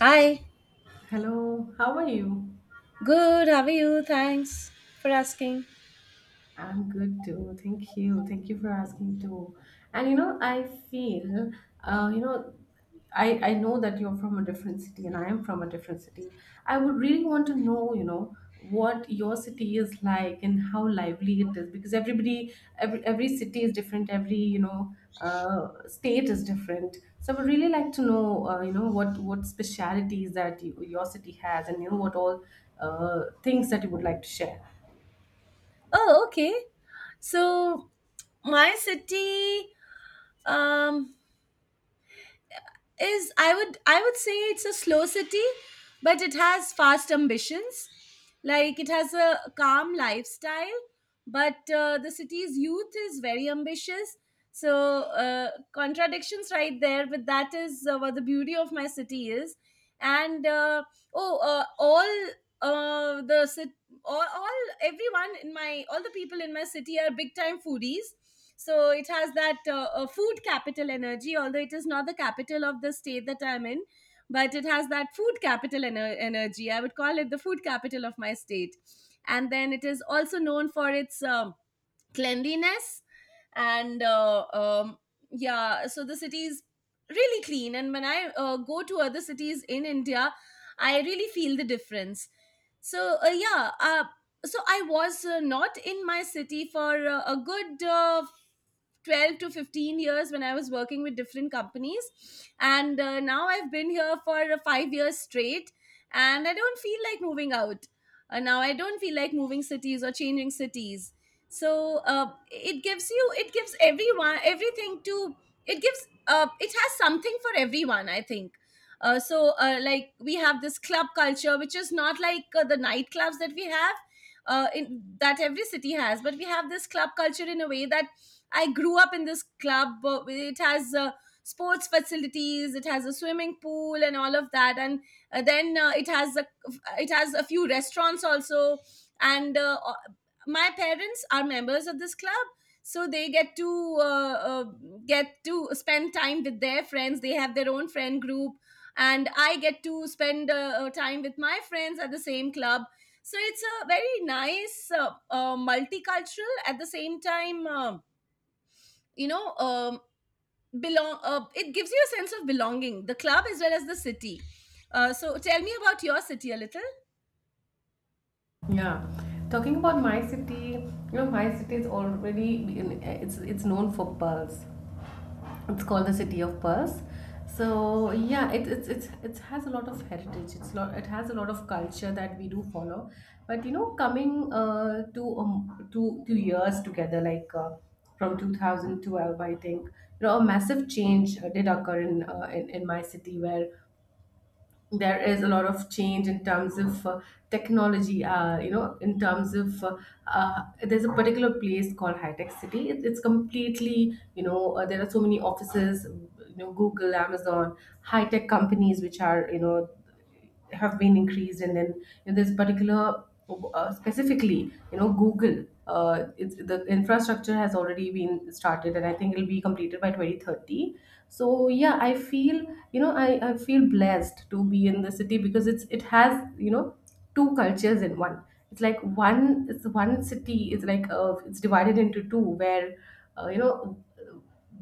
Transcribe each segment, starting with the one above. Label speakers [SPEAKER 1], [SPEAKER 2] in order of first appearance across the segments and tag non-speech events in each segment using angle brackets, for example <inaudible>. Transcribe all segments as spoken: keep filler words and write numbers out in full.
[SPEAKER 1] Hi,
[SPEAKER 2] Hello, how are you?
[SPEAKER 1] good. How are you? Thanks for asking.
[SPEAKER 2] I'm good too. Thank you. Thank you for asking too. And you know, I feel, uh, you know, I I know that you're from a different city and I am from a different city. I would really want to know, you know, what your city is like and how lively it is because everybody, every every city is different. Every you know, uh, state is different. So I would really like to know, uh, you know, what what specialities that you, your city has, and you know what all uh, things that you would like to share.
[SPEAKER 1] Oh, okay. So my city um, is I would I would say it's a slow city, but it has fast ambitions. Like it has a calm lifestyle, but uh, the city's youth is very ambitious. So uh, contradictions right there, but that is uh, what the beauty of my city is. And uh, oh, uh, all uh the cit- all, all everyone in my all the people in my city are big time foodies, so it has that uh, uh, food capital energy, although it is not the capital of the state that I'm in. But it has that food capital ener- energy. I would call it the food capital of my state. And then it is also known for its um, cleanliness. And uh, um, yeah, so the city is really clean, and when I uh, go to other cities in India, I really feel the difference. So uh, yeah, uh, so I was uh, not in my city for uh, a good uh, twelve to fifteen years when I was working with different companies. And uh, now I've been here for uh, five years straight, and I don't feel like moving out. Uh, now I don't feel like moving cities or changing cities. So uh, it gives you it gives everyone everything to it gives uh, it has something for everyone, I think. Uh, so uh, like we have this club culture, which is not like uh, the nightclubs that we have uh, in, that every city has. But we have this club culture in a way that I grew up in this club. Uh, it has uh, sports facilities. It has a swimming pool and all of that. And uh, then uh, it has a it has a few restaurants also. And uh, my parents are members of this club, so they get to uh, uh, get to spend time with their friends. They have their own friend group, and I get to spend uh, uh, time with my friends at the same club. So it's a very nice uh, uh, multicultural, at the same time. Um you know um, belong uh, It gives you a sense of belonging, the club as well as the city. Uh, so tell me about your city a little.
[SPEAKER 2] Yeah, talking about my city, you know, my city is already in, it's it's known for pearls. It's called the city of pearls. So yeah, it it's it's it has a lot of heritage. It's lot it has a lot of culture that we do follow. But you know, coming uh to um two two years together, like, uh, from two thousand twelve, I think you know a massive change uh, did occur in, uh, in in my city, where there is a lot of change in terms of, uh, technology, uh, you know in terms of, uh, uh, there's a particular place called high tech city. It, it's completely, you know uh, there are so many offices, you know Google, Amazon, high tech companies which are, you know have been increased, and then, you know, there's particular, uh, specifically, you know Google, uh, it's, the infrastructure has already been started, and I think it'll be completed by twenty thirty. So yeah, I feel, you know I, I feel blessed to be in the city because it's it has, you know two cultures in one. It's like one, it's one city is like, uh, it's divided into two, where, uh, you know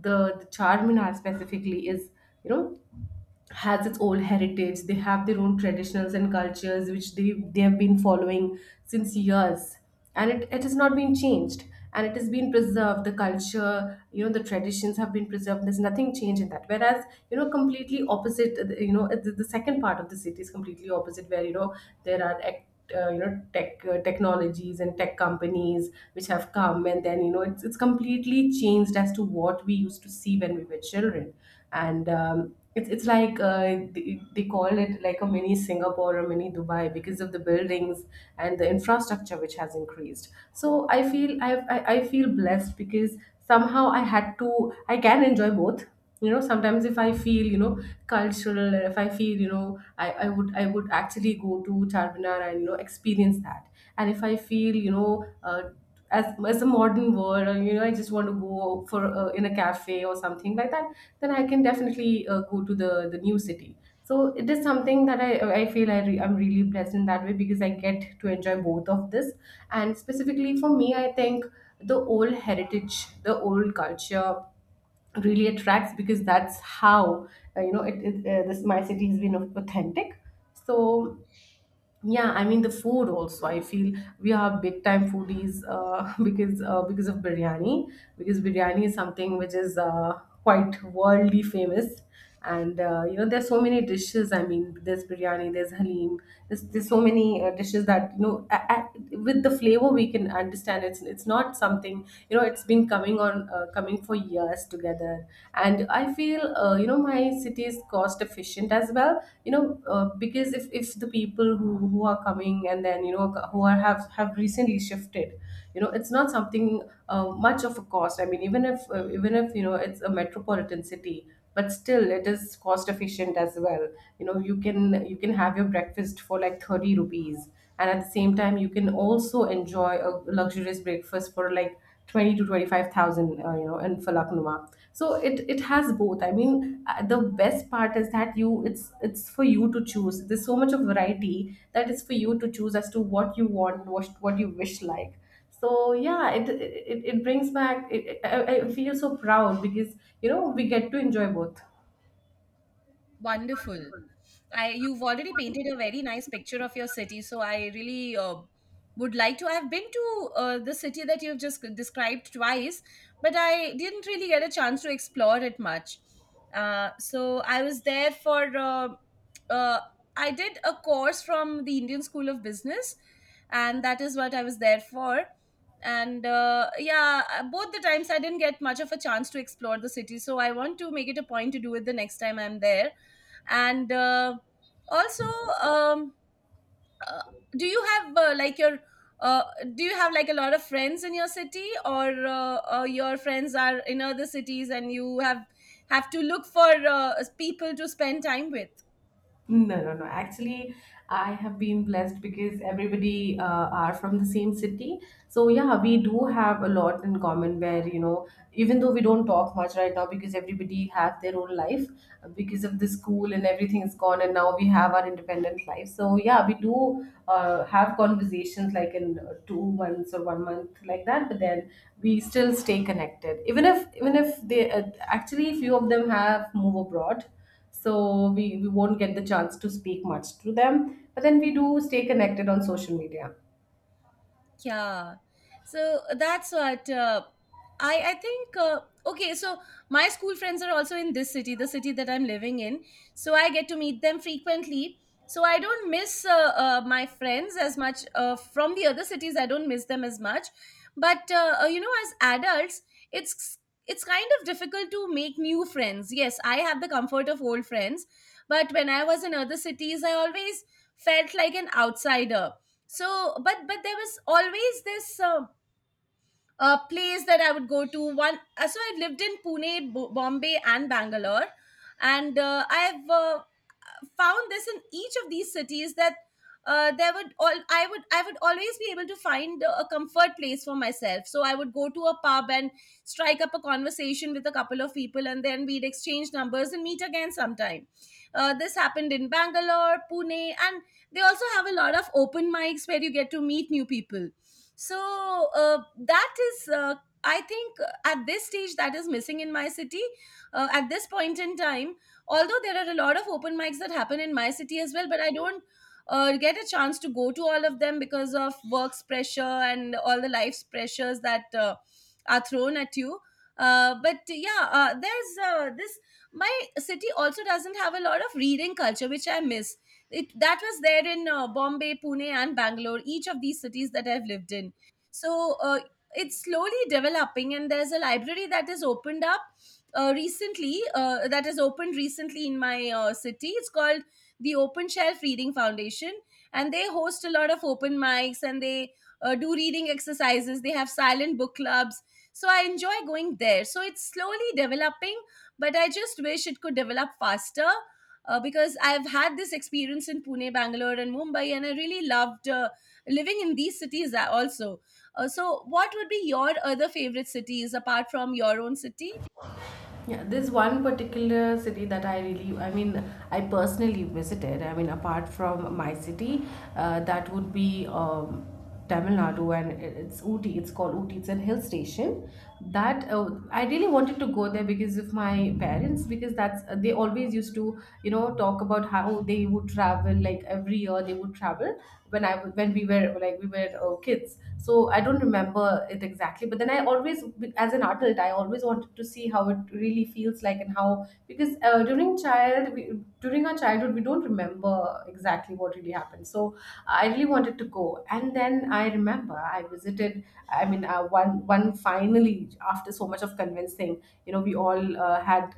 [SPEAKER 2] the, the Charminar specifically is you know has its own heritage. They have their own traditions and cultures which they they have been following since years, and it, it has not been changed, and it has been preserved. The culture, you know, the traditions have been preserved. There's nothing changed in that. Whereas, you know, completely opposite. uh, You know, uh, the, the second part of the city is completely opposite, where, you know there are. Act, uh, you know Tech, uh, technologies and tech companies which have come, and then, you know it's, it's completely changed as to what we used to see when we were children. And, um, it's it's like, uh, they, they call it like a mini Singapore or mini Dubai because of the buildings and the infrastructure which has increased. So I feel, I I, I feel blessed because somehow, I had to I can enjoy both. You know, sometimes if I feel, you know cultural, and if I feel, you know I, I would, I would actually go to Charminar and, you know experience that. And if I feel, you know uh, as as a modern world, or, you know I just want to go for, uh, in a cafe or something like that, then I can definitely, uh, go to the the new city. So it is something that i i feel, i re- I'm really blessed in that way because I get to enjoy both of this. And specifically for me, I think the old heritage, the old culture really attracts, because that's how, uh, you know, it, it uh, this my city has been authentic. So yeah, I mean, the food also. I feel we are big time foodies, uh, <laughs> because, uh, because of biryani. Because biryani is something which is, uh, quite worldly famous, and, uh, you know, there's so many dishes. I mean, there's biryani, there's halim, there's there's so many, uh, dishes that, you know a a with the flavor, we can understand. It's it's not something, you know, it's been coming on, uh, coming for years together, there. And I feel, uh, you know, my city is cost efficient as well. You know uh, because if, if the people who, who are coming, and then, you know who are, have have recently shifted, you know it's not something, uh, much of a cost. I mean, even if, uh, even if you know it's a metropolitan city, but still it is cost efficient as well. You know, you can, you can have your breakfast for like thirty rupees, and at the same time you can also enjoy a luxurious breakfast for like twenty to twenty five thousand, uh, you know, in Falaknuma. So it it has both. I mean, uh, the best part is that, you it's, it's for you to choose. There's so much of variety that is for you to choose as to what you want, what what you wish like. So yeah, it it, it brings back. It, I, I feel so proud because, you know we get to enjoy both.
[SPEAKER 1] Wonderful. I You've already painted a very nice picture of your city, so I really uh, would like to. I've been to uh, the city that you've just described twice, but I didn't really get a chance to explore it much. Uh, so I was there for. Uh, uh, I did a course from the Indian School of Business, and that is what I was there for. And uh, yeah, uh, both the times I didn't get much of a chance to explore the city, so I want to make it a point to do it the next time I'm there. And uh, also, um, uh, do you have uh, like your uh, do you have like a lot of friends in your city, or uh, uh, your friends are in other cities and you have have to look for uh, people to spend time with?
[SPEAKER 2] No, no, no. Actually, I have been blessed because everybody, uh, are from the same city. So yeah, we do have a lot in common where, you know, even though we don't talk much right now because everybody have their own life, uh, because of the school, and everything is gone, and now we have our independent life. So yeah, we do, uh, have conversations like in, uh, two months or one month like that, but then we still stay connected. Even if even if they, uh, actually, few of them have move abroad, so we, we won't get the chance to speak much to them, but then we do stay connected on social media.
[SPEAKER 1] Yeah. So uh, that's what uh, I I think. Uh, okay, so my school friends are also in this city, the city that I'm living in. So I get to meet them frequently. So I don't miss uh, uh, my friends as much uh, from the other cities. I don't miss them as much. But uh, uh, you know, as adults, it's it's kind of difficult to make new friends. Yes, I have the comfort of old friends, but when I was in other cities, I always felt like an outsider. So but but there was always this uh, uh, place that I would go to one. Uh, so I lived in Pune, B- bombay, and Bangalore, and uh, I've uh, found this in each of these cities, that uh, there would all I would I would always be able to find a comfort place for myself. So I would go to a pub and strike up a conversation with a couple of people, and then we'd exchange numbers and meet again sometime. Uh, this happened in Bangalore, Pune, and they also have a lot of open mics where you get to meet new people. So uh, that is uh, I think uh, at this stage that is missing in my city, uh, at this point in time. Although there are a lot of open mics that happen in my city as well, but I don't uh, get a chance to go to all of them because of work's pressure and all the life's pressures that uh, are thrown at you. Uh, but yeah, uh, there's uh, this my city also doesn't have a lot of reading culture, which I miss. It That was there in uh, Bombay, Pune, and Bangalore, each of these cities that I've lived in. So uh, it's slowly developing, and there's a library that is opened up uh, recently uh, that has opened recently in my uh, city. It's called the Open Shelf Reading Foundation, and they host a lot of open mics, and they uh, do reading exercises. They have silent book clubs, so I enjoy going there. So it's slowly developing, but I just wish it could develop faster, uh, because I've had this experience in Pune, Bangalore, and Mumbai, and I really loved uh, living in these cities a- also. Uh, so, what would be your other favorite cities apart from your own city?
[SPEAKER 2] Yeah, there's one particular city that I really, I mean, I personally visited, I mean, apart from my city, uh, that would be, um, Tamil Nadu. And it- it's Ooty. It's called Ooty. It's a hill station. That, uh, I really wanted to go there because of my parents. Because that's uh, they always used to, you know talk about how they would travel. Like every year they would travel, when I when we were like we were uh, kids. So I don't remember it exactly, but then I always, as an adult, I always wanted to see how it really feels like, and how, because, uh, during child we, during our childhood we don't remember exactly what really happened. So I really wanted to go, and then I remember I visited. I mean, uh, one one finally, after so much of convincing, you know, we all, uh, had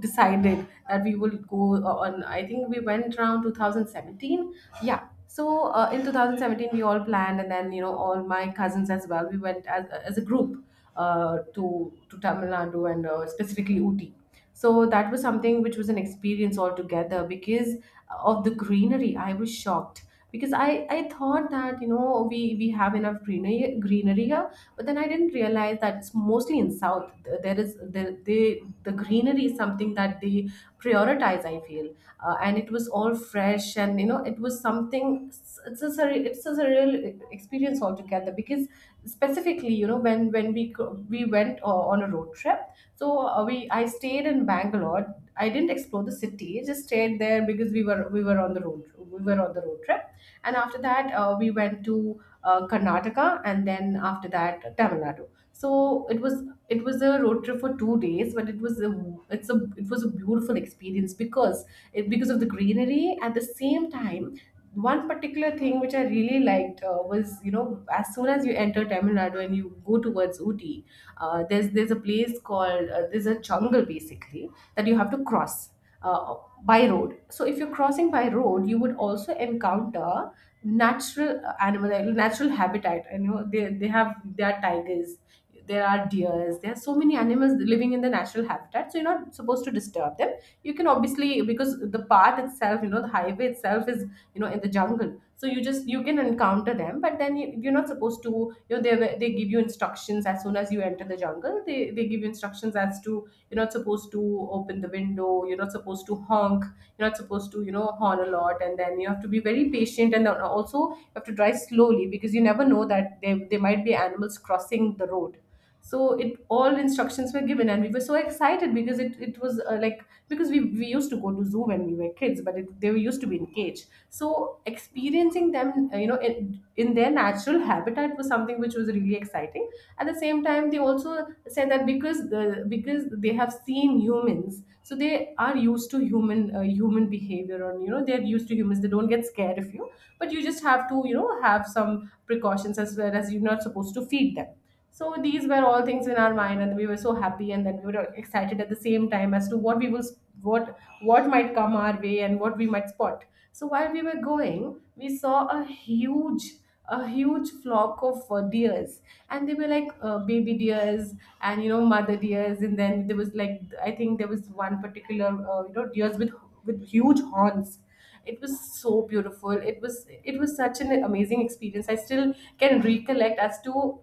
[SPEAKER 2] decided that we will go, uh, on I think we went around two thousand seventeen. Yeah, so, uh, in two thousand seventeen we all planned, and then, you know, all my cousins as well, we went as, as a group, uh, to to Tamil Nadu, and, uh, specifically Ooty. So that was something which was an experience altogether because of the greenery. I was shocked because i i thought that, you know we we have enough greenery greenery here. But then I didn't realize that it's mostly in south. Th- there is the, they the greenery is something that they prioritize, I feel. uh, and it was all fresh, and you know it was something, it's it's a surre- it's a surreal, e, experience altogether because specifically, you know, when, when we, co- we went, uh, on a road trip. So, uh, we I stayed in Bangalore. I didn't explore the city. I just stayed there because, we were we were on the road, we were on the road trip. And after that, uh, we went to, uh, Karnataka, and then after that, Tamil Nadu. So it was it was a road trip for two days, but, it was a it's a it was a beautiful experience because, it, because of the greenery. At the same time, one particular thing which I really liked, uh, was, you know, as soon as you enter Tamil Nadu and you go towards Ooty, uh, there's there's a place called, uh, there's a jungle basically, that you have to cross, uh, by road. So if you're crossing by road, you would also encounter natural uh, animal, uh, natural habitat. You know, they, they have there are tigers, there are deers, there are so many animals living in the natural habitat, so you're not supposed to disturb them. You can obviously, because the path itself, you know, the highway itself is, you know, in the jungle, so you just, you can encounter them. But then you, you're not supposed to, you know, they were- they give you instructions as soon as you enter the jungle. They they give you instructions as to you're not supposed to open the window, you're not supposed to honk, you're not supposed to, you know, horn a lot. And then you have to be very patient, and then also you have to drive slowly, because you never know that there, there might be animals crossing the road. So it, all instructions were given, and we were so excited because it, it was uh, like, because we, we used to go to zoo when we were kids, but it, they were used to be in cage, so experiencing them, uh, you know, in, in their natural habitat was something which was really exciting. At the same time, they also said that because the, because they have seen humans, so they are used to human, uh, human behavior, and you know they're used to humans, they don't get scared of you. But you just have to, you know, have some precautions as well, as you're not supposed to feed them. So these were all things in our mind, and we were so happy, and then we were excited at the same time as to what we will, what what might come our way, and what we might spot. So while we were going, we saw a huge, a huge flock of uh, deers, and they were like uh, baby deers and, you know, mother deers, and then there was like, I think there was one particular, uh, you know, deers with with huge horns. It was so beautiful. It was, it was such an amazing experience. I still can recollect as to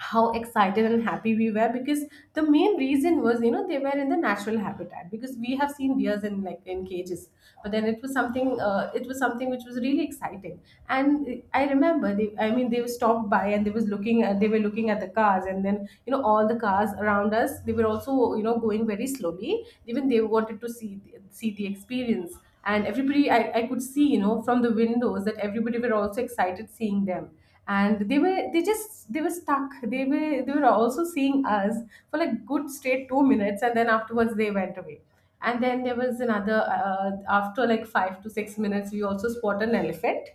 [SPEAKER 2] how excited and happy we were, because the main reason was, you know, they were in the natural habitat, because we have seen deers in, like in cages. But then it was something, uh, it was something which was really exciting. And I remember they, I mean, they stopped by and they was looking at, they were looking at the cars, and then you know all the cars around us, they were also, you know, going very slowly, even they wanted to see, see the experience. And everybody, I, I could see, you know, from the windows, that everybody were also excited seeing them. And they were, they just, they were stuck, they were, they were also seeing us for like good straight two minutes, and then afterwards they went away. And then there was another, uh, after like five to six minutes, we also spotted an elephant.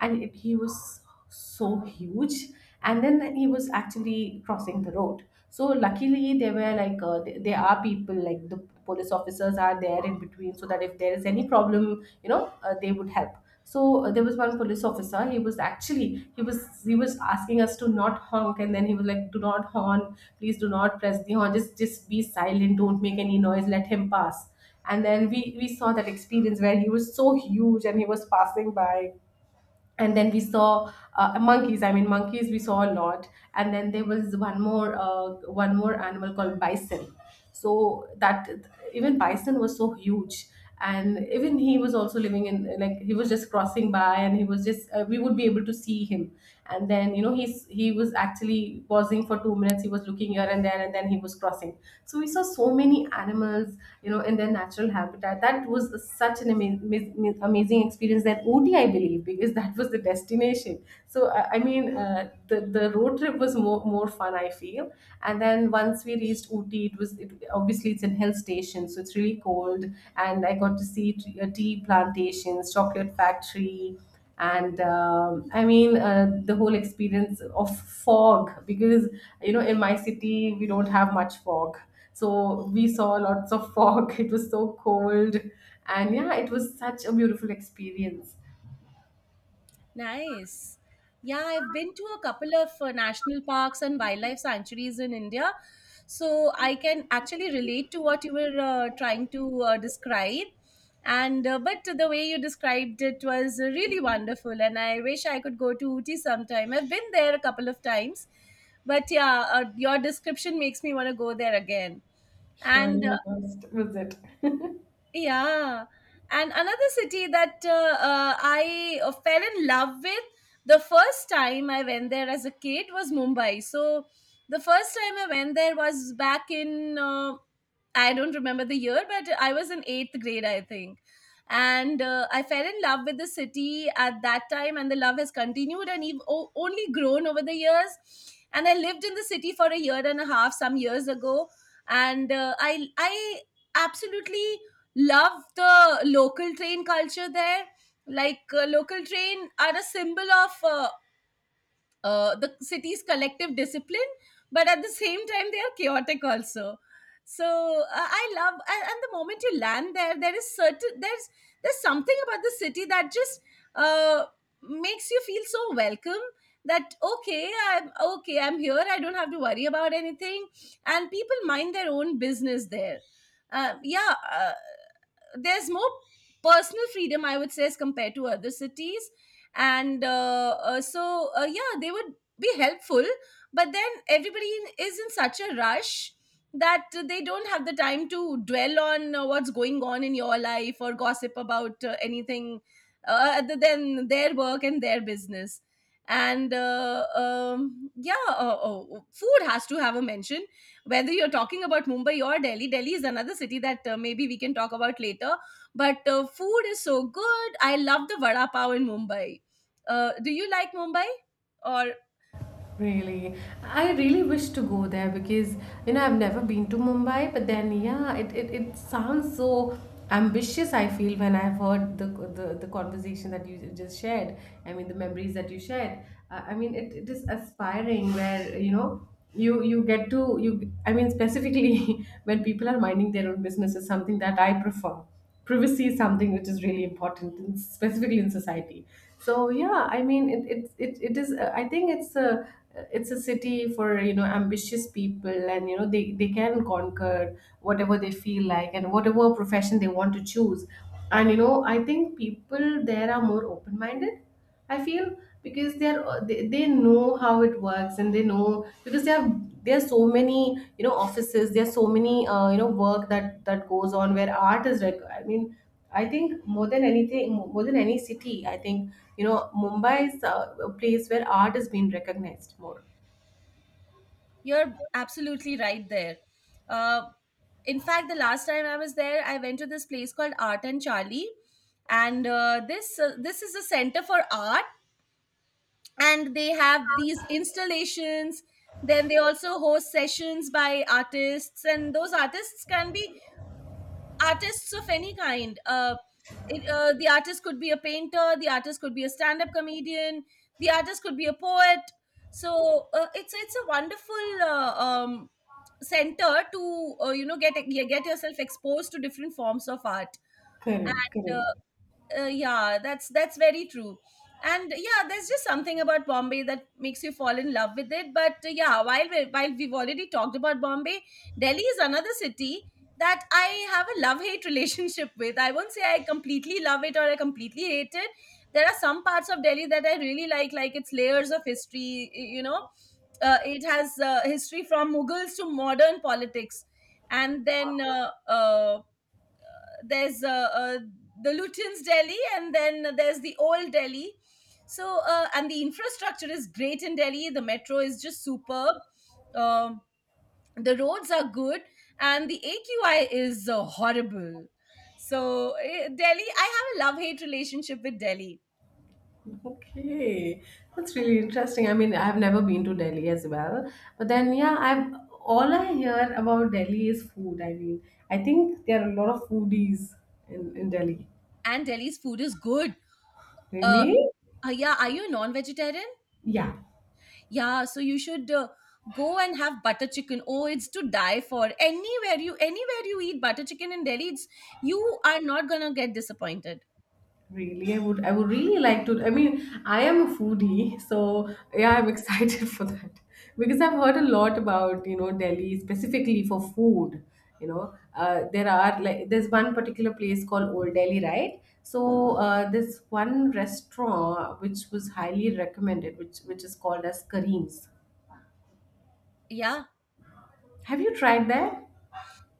[SPEAKER 2] And it, he was so huge, and then he was actually crossing the road. So luckily, they were like, uh, th- there are people, like the police officers are there in between, so that if there is any problem, you know, uh, they would help. So uh, there was one police officer. He was actually, he was, he was asking us to not honk, and then he was like, "Do not honk, please. Do not press the horn. Just just be silent. Don't make any noise. Let him pass." And then we we saw that experience where he was so huge and he was passing by. And then we saw uh, monkeys, I mean, monkeys we saw a lot. And then there was one more, uh, one more animal called bison. So that, even bison was so huge, and even he was also living in, like, he was just crossing by, and he was just, uh, we would be able to see him. And then, you know, he's, he was actually pausing for two minutes, he was looking here and there, and then he was crossing. So we saw so many animals, you know, in their natural habitat. That was such an amazing, amazing experience. That Ooty, I believe, because <laughs> that was the destination. So I I mean, uh, the the road trip was more more fun, I feel. And then once we reached Ooty, it was it, obviously it's in hill station, so it's really cold. And I got to see, t- uh, tea plantations, chocolate factory, and um, I mean, uh, the whole experience of fog, because you know in my city we don't have much fog, so we saw lots of fog. <laughs> It was so cold, and yeah, it was such a beautiful experience.
[SPEAKER 1] Nice. Yeah, I've been to a couple of uh, national parks and wildlife sanctuaries in India. So I can actually relate to what you were uh, trying to uh, describe. And uh, But the way you described it was really wonderful, and I wish I could go to Uti sometime. I've been there a couple of times, but yeah, uh, your description makes me want to go there again. And uh,
[SPEAKER 2] Surely, must visit. <laughs>
[SPEAKER 1] yeah. And another city that uh, uh, I uh, fell in love with the first time I went there as a kid was Mumbai. So the first time I went there was back in uh, I don't remember the year, but I was in eighth grade, I think. And uh, I fell in love with the city at that time, and the love has continued and even o- only grown over the years. And I lived in the city for a year and a half some years ago, and uh, I I absolutely love the local train culture there. Like uh, local train are a symbol of uh, uh, the city's collective discipline, but at the same time, they are chaotic also. So uh, I love, and, and the moment you land there, there is certain there's there's something about the city that just uh, makes you feel so welcome. That, okay, I'm okay, I'm here. I don't have to worry about anything, and people mind their own business there. Uh, yeah, uh, there's more personal freedom, I would say, as compared to other cities. And uh, uh, so uh, yeah, they would be helpful, but then everybody in- is in such a rush that they don't have the time to dwell on uh, what's going on in your life or gossip about uh, anything uh, other than their work and their business. And uh, um, yeah, uh, oh, food has to have a mention, whether you're talking about Mumbai or Delhi. Delhi is another city that uh, maybe we can talk about later, but uh, food is so good. I love the vada pav in Mumbai. Uh, do you like Mumbai? Or...
[SPEAKER 2] Really, I really wish to go there because, you know, I've never been to Mumbai, but then yeah, it, it, it sounds so ambitious, I feel, when I've heard the the, the conversation that you just shared. I mean, the memories that you shared. Uh, I mean it, it is aspiring where, you know, you you get to you. I mean, specifically <laughs> when people are minding their own business is something that I prefer. Privacy is something which is really important in, specifically in society. So yeah, I mean it it, it, it is, uh, I think it's a, it's a city for, you know, ambitious people, and you know they, they can conquer whatever they feel like and whatever profession they want to choose. And you know I think people there are more open minded, I feel, because they are, uh, they, they know how it works, and they know because they have, there's so many, you know, offices, there's so many, uh, you know, work that that goes on where art is rec- I mean, I think more than anything, more than any city, I think, you know, Mumbai is uh, a place where art is being recognized more.
[SPEAKER 1] You're absolutely right there. Uh, in fact, the last time I was there, I went to this place called Art and Charlie, and uh, this uh, this is a center for art, and they have these installations. Then they also host sessions by artists, and those artists can be artists of any kind. Uh, it, uh, the artist could be a painter, the artist could be a stand-up comedian, the artist could be a poet. So uh, it's it's a wonderful uh, um, center to uh, you know get get yourself exposed to different forms of art.
[SPEAKER 2] Correct,
[SPEAKER 1] And, uh,
[SPEAKER 2] correct.
[SPEAKER 1] uh, yeah, that's that's very true, and yeah, there's just something about Bombay that makes you fall in love with it, but uh, yeah, while we, while we've already talked about Bombay. Delhi is another city that I have a love hate <laughs> relationship with. I won't say I completely love it or I completely hate it. There are some parts of Delhi that I really like like its layers of history. Y- you know, uh, it has uh, history from Mughals to modern politics. And then uh, uh, there's uh, uh, the Lutyens Delhi, and then there's the old Delhi. So, uh, and the infrastructure is great in Delhi. The metro is just superb. Um the roads are good, and the A Q I is uh, horrible. So, eh, Delhi, I have a love hate relationship with Delhi,
[SPEAKER 2] Okay, that's really interesting. I mean, I've never been to Delhi as well, but then yeah, I've, all I hear about Delhi is food. I mean, I think there are a lot of foodies in, in Delhi.
[SPEAKER 1] and Delhi's food is good. Uh,
[SPEAKER 2] Really?
[SPEAKER 1] uh, yeah, are you a non vegetarian?
[SPEAKER 2] Yeah.
[SPEAKER 1] Yeah, so you should uh, go and have butter chicken. Oh, it's to die for. Anywhere you anywhere you eat butter chicken in Delhi, it's you are not gonna get disappointed.
[SPEAKER 2] Really, I would I would really like to. I mean, I am a foodie, so yeah, I'm excited <laughs> for that, because I've heard a lot about, you know, Delhi specifically for food. You know, uh, there are like, there's one particular place called Old Delhi, right? So uh, there's one restaurant which was highly recommended, which which is called as Kareem's.
[SPEAKER 1] Yeah.
[SPEAKER 2] Have you tried that?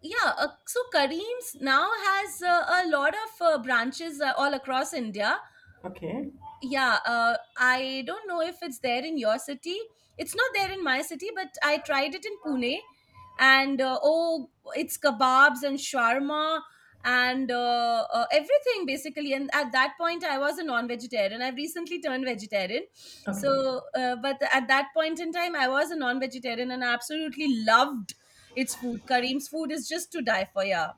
[SPEAKER 1] Yeah, uh, so Kareem's now has uh, a lot of uh, branches uh, all across India.
[SPEAKER 2] Okay.
[SPEAKER 1] Yeah, uh, I don't know if it's there in your city. It's not there in my city, but I tried it in Pune, and uh, oh, it's kebabs and shawarma and uh, uh, everything basically. And at that point I was a non-vegetarian. I've recently turned vegetarian.
[SPEAKER 2] Okay.
[SPEAKER 1] So uh, but at that point in time I was a non-vegetarian and I absolutely loved its food. Kareem's food is just to die for. Yeah.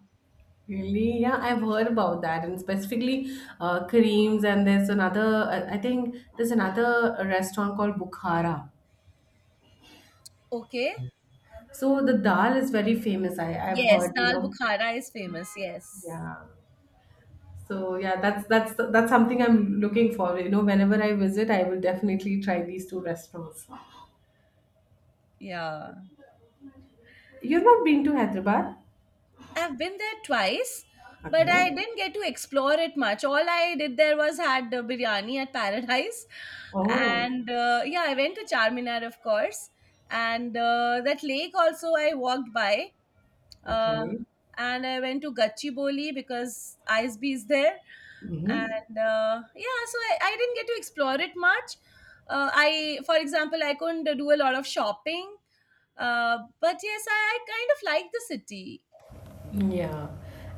[SPEAKER 2] Really? Yeah, I've heard about that, and specifically uh, Kareem's, and there's another, I I think there's another restaurant called Bukhara.
[SPEAKER 1] Okay.
[SPEAKER 2] So the dal is very famous. I I've
[SPEAKER 1] Yes,
[SPEAKER 2] heard, you
[SPEAKER 1] dal
[SPEAKER 2] know.
[SPEAKER 1] bukhara is famous, yes.
[SPEAKER 2] Yeah. So yeah, that's that's that's something I'm looking for. You know, whenever I visit, I will definitely try these two restaurants.
[SPEAKER 1] Yeah,
[SPEAKER 2] You've not been to Hyderabad?
[SPEAKER 1] I've been there twice, but I
[SPEAKER 2] Okay.
[SPEAKER 1] didn't get to explore it much. All I did there was had uh, biryani at Paradise,
[SPEAKER 2] Oh,
[SPEAKER 1] and uh, yeah, I went to Charminar, of course, and uh, that lake also I walked by, uh,
[SPEAKER 2] okay.
[SPEAKER 1] and I went to Gachibowli because I S B is there,
[SPEAKER 2] Mm-hmm.
[SPEAKER 1] and uh, yeah, so I, I didn't get to explore it much. Uh, I, for example, I couldn't do a lot of shopping, uh, but yes, I, I kind of like the city.
[SPEAKER 2] Yeah.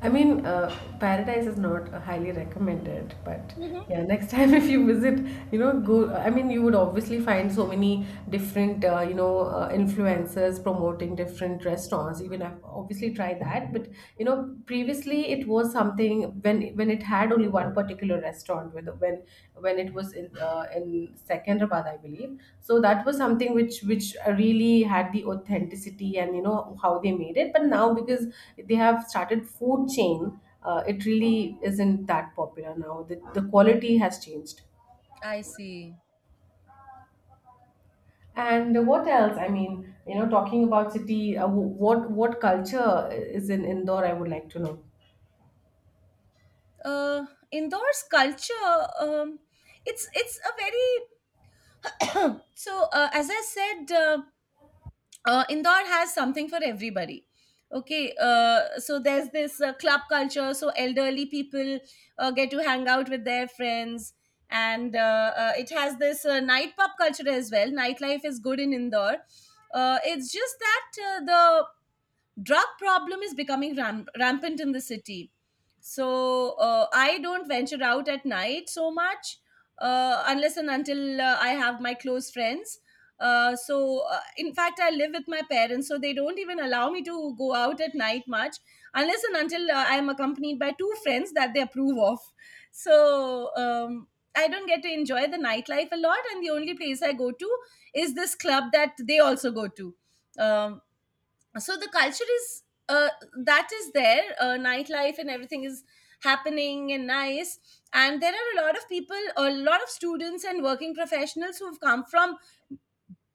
[SPEAKER 2] I mean, uh, paradise is not uh, highly recommended, but
[SPEAKER 1] Mhm.
[SPEAKER 2] yeah, next time <laughs> if you visit, you know, go. I mean, you would obviously find so many different, uh, you know, uh, influencers promoting different restaurants. Even I've obviously tried that, but you know, previously it was something when when when it had only one particular restaurant when when when it was in, uh, in Secunderabad, I believe. So that was something which which really had the authenticity and you know how they made it. But now because they have started food chain, uh, it really isn't that popular now. The the quality has changed.
[SPEAKER 1] I see.
[SPEAKER 2] And what else? I mean, you know, talking about city, uh, wh- what what culture is in Indore? I would like to know.
[SPEAKER 1] Uh, Indoors culture. Um, it's it's a very <clears throat> so uh, as I said, uh, uh, indoor has something for everybody. Okay, uh, so there's this uh, club culture. So elderly people uh, get to hang out with their friends, and uh, uh, it has this uh, night pub culture as well. Nightlife is good in indoor. Uh, it's just that uh, the drug problem is becoming ram- rampant in the city, so uh, I don't venture out at night so much, uh, unless and until uh, I have my close friends. Uh, so uh, in fact, I live with my parents, so they don't even allow me to go out at night much unless and until uh, I am accompanied by two friends that they approve of. So um, I don't get to enjoy the nightlife a lot, and the only place I go to is this club that they also go to. um, so the culture is uh, that is there. Uh, nightlife and everything is happening and nice, and there are a lot of people, a lot of students and working professionals who've come from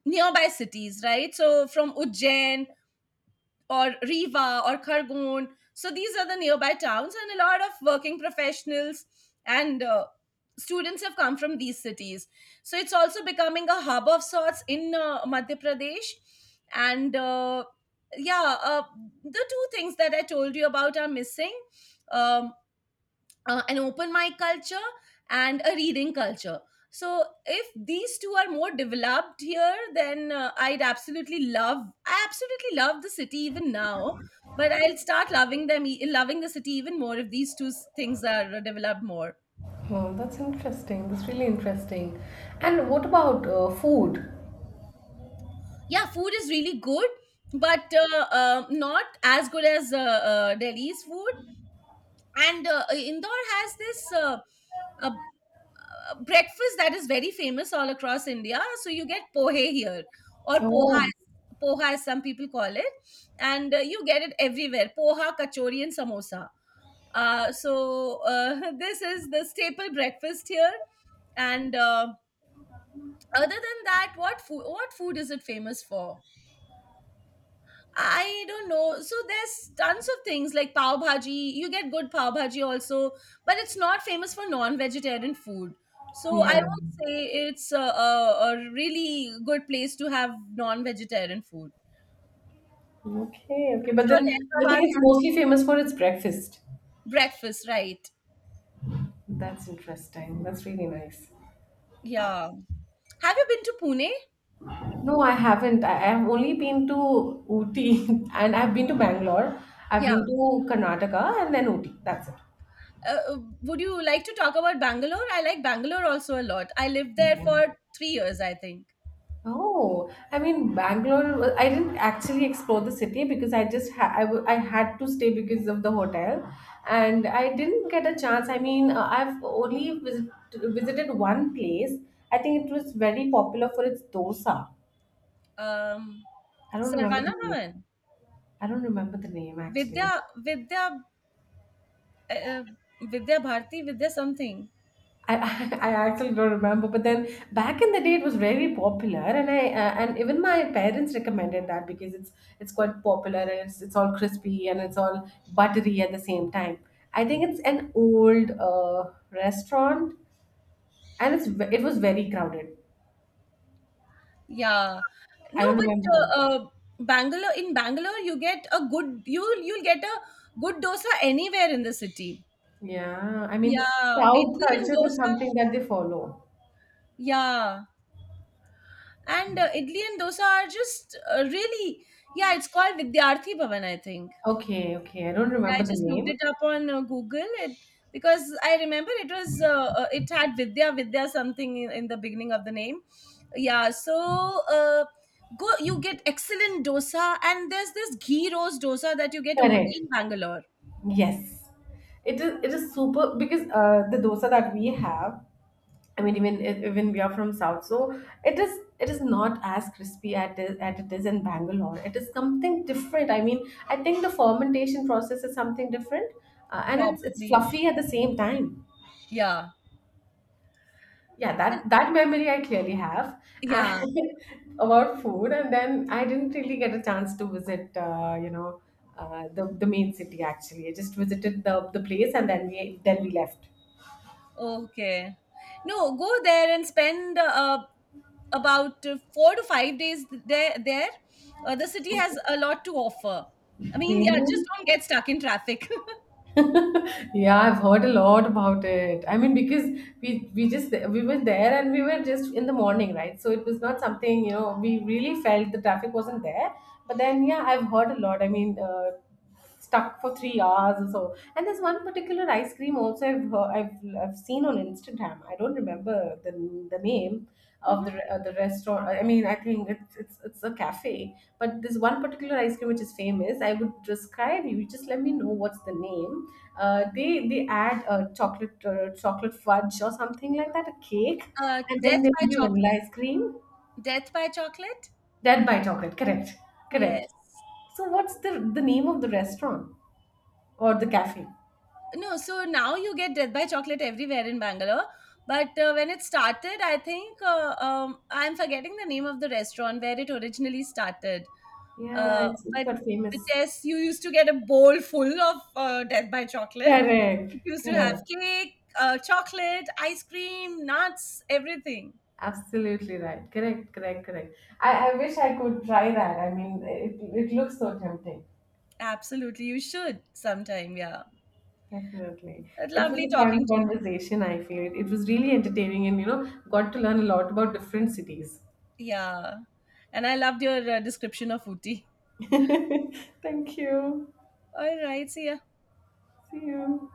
[SPEAKER 1] nearby cities, right? So from Ujjain or Riva or Khargone. So these are the nearby towns, and a lot of working professionals and uh, students have come from these cities. So it's also becoming a hub of sorts in uh, Madhya Pradesh. And uh, yeah, uh, the two things that I told you about are missing. Um, uh, an open mic culture and a reading culture. So if these two are more developed here, then uh, I'd absolutely love. I absolutely love the city even now, but I'll start loving them, e- loving the city even more if these two s- things are uh, developed more.
[SPEAKER 2] Oh, that's interesting. That's really interesting. And what about uh, food?
[SPEAKER 1] Yeah, food is really good, but uh, uh, not as good as uh, uh, Delhi's food. And uh, Indore has this uh, a uh, breakfast that is very famous all across India. So you get pohe here or poha,
[SPEAKER 2] Oh,
[SPEAKER 1] as- poha as some people call it, and uh, you get it everywhere. Poha, kachori, and samosa. Uh, so uh, <laughs> this is the staple breakfast here. And uh, Other than that, what food? What food is it famous for? I don't know. So there's tons of things like pav bhaji. You get good pav bhaji also, but it's not famous for non-vegetarian food. So I
[SPEAKER 2] yeah.
[SPEAKER 1] would say it's a, a, a really good place to have non-vegetarian food.
[SPEAKER 2] Okay, okay. But then
[SPEAKER 1] Sure,
[SPEAKER 2] I think
[SPEAKER 1] Hyderabad
[SPEAKER 2] it's
[SPEAKER 1] has
[SPEAKER 2] mostly famous for its breakfast.
[SPEAKER 1] breakfast, right?
[SPEAKER 2] That's interesting. That's really nice.
[SPEAKER 1] Yeah. Have you been to Pune?
[SPEAKER 2] No, I haven't. I I have only been to Ooty <laughs> and I've been to Bangalore. I've
[SPEAKER 1] Yeah.
[SPEAKER 2] been to Karnataka and then Ooty. That's it.
[SPEAKER 1] Uh, uh, would you like to talk about Bangalore? I like Bangalore also a lot. I lived there
[SPEAKER 2] Yeah.
[SPEAKER 1] for three years, I think.
[SPEAKER 2] Oh, I mean, Bangalore, wa- I didn't actually explore the city because I just ha I, w I had to stay because of the hotel, and I didn't get a chance. I mean, uh, I've only visit visited one place. I think it was very popular for its dosa.
[SPEAKER 1] Um,
[SPEAKER 2] I don't remember the
[SPEAKER 1] Sarvana
[SPEAKER 2] name.
[SPEAKER 1] Bhavan.
[SPEAKER 2] I don't remember the name
[SPEAKER 1] Vidya
[SPEAKER 2] actually.
[SPEAKER 1] Vidya uh, uh, Vidya Bharati, Vidya something.
[SPEAKER 2] I, <laughs> I actually don't remember, but then back in the day it was very popular, and I, uh, and even my parents recommended that, because it's it's quite popular, and it's it's all crispy and it's all buttery at the same time. I think it's an old, uh, restaurant, and it's ve- it was very crowded.
[SPEAKER 1] Yeah. No,
[SPEAKER 2] I don't
[SPEAKER 1] but
[SPEAKER 2] remember the name.
[SPEAKER 1] uh, uh, Bangalore in Bangalore, you get a good you will you'll get a good dosa anywhere in the city.
[SPEAKER 2] Yeah, I mean,
[SPEAKER 1] Yeah,
[SPEAKER 2] South
[SPEAKER 1] idli and
[SPEAKER 2] culture is
[SPEAKER 1] dosa.
[SPEAKER 2] something that they follow.
[SPEAKER 1] Yeah, and uh, idli and dosa are just uh, really yeah. It's called Vidyarthi Bhavan, I think.
[SPEAKER 2] Okay, okay, I don't
[SPEAKER 1] I
[SPEAKER 2] remember the
[SPEAKER 1] just looked
[SPEAKER 2] name.
[SPEAKER 1] it up on uh, Google it, because I remember it was uh, uh, it had Vidya Vidya something in, in the beginning of the name. Yeah, so uh, go, you get excellent dosa, and there's this ghee rose dosa that you get only
[SPEAKER 2] Correct.
[SPEAKER 1] in Bangalore,
[SPEAKER 2] Yes. It is it is super, because uh, the dosa that we have, I mean, even if- even we are from South, so it is it is not as crispy at it, at it is in Bangalore. It is something different. I mean, I think the fermentation process is something different, uh, and it's it's
[SPEAKER 1] probably.
[SPEAKER 2] fluffy at the same time.
[SPEAKER 1] Yeah.
[SPEAKER 2] Yeah,
[SPEAKER 1] Well,
[SPEAKER 2] that that memory I clearly have, and
[SPEAKER 1] yeah.
[SPEAKER 2] <laughs> about food, and then I didn't really get a chance to visit, uh, you know, uh, the the main city. Actually, I just visited the the place, and then we then we left.
[SPEAKER 1] Okay, no, go there and spend uh, about uh, four to five days there. There, uh, the city has a lot to offer. I mean, yeah, just
[SPEAKER 2] Really?
[SPEAKER 1] don't get stuck in traffic.
[SPEAKER 2] Yeah, I've heard a lot about it. I mean, because we we just we were there, and we were just in the morning, right? So it was not something, you know, we really felt the traffic wasn't there. But then yeah, I've heard a lot. I mean, uh, stuck for three hours or so. And there's one particular ice cream also I've heard, I've I've seen on Instagram. I don't remember the the name,
[SPEAKER 1] <laughs>
[SPEAKER 2] of
[SPEAKER 1] Mhm.
[SPEAKER 2] the uh, the restaurant. I mean, I think it's it's it's a cafe. But this one particular ice cream which is famous, I would describe you. Just let me know what's the name. Uh, they they add uh, chocolate, uh, chocolate fudge or something like that, a cake,
[SPEAKER 1] Uh,
[SPEAKER 2] and
[SPEAKER 1] Death
[SPEAKER 2] then there
[SPEAKER 1] by
[SPEAKER 2] would be vanilla ice
[SPEAKER 1] Chocolate.
[SPEAKER 2] cream.
[SPEAKER 1] Death by Chocolate?
[SPEAKER 2] Dead by chocolate, correct, correct.
[SPEAKER 1] Yes.
[SPEAKER 2] So what's the the name of the restaurant or the cafe?
[SPEAKER 1] No, so now you get Death by Chocolate everywhere in Bangalore. But uh, when it started, I think uh, um, I'm forgetting the name of the restaurant where it originally started.
[SPEAKER 2] Yeah,
[SPEAKER 1] Uh,
[SPEAKER 2] it's it's
[SPEAKER 1] but,
[SPEAKER 2] quite famous.
[SPEAKER 1] but yes, you used to get a bowl full of uh, Death by Chocolate.
[SPEAKER 2] Correct,
[SPEAKER 1] It used to have
[SPEAKER 2] correct.
[SPEAKER 1] cake, uh, chocolate, ice cream, nuts, everything.
[SPEAKER 2] Absolutely right. Correct, correct, correct. I, I wish I could try that. I mean, it, it looks so tempting.
[SPEAKER 1] Absolutely, you should sometime. Yeah,
[SPEAKER 2] Definitely. It was
[SPEAKER 1] lovely
[SPEAKER 2] a
[SPEAKER 1] talking
[SPEAKER 2] fun
[SPEAKER 1] to you.
[SPEAKER 2] conversation, I feel. It, it was really entertaining and, you know, got to learn a lot about different cities.
[SPEAKER 1] Yeah. And I loved your uh, description of Ooty.
[SPEAKER 2] <laughs> Thank you.
[SPEAKER 1] All right. See ya.
[SPEAKER 2] See you.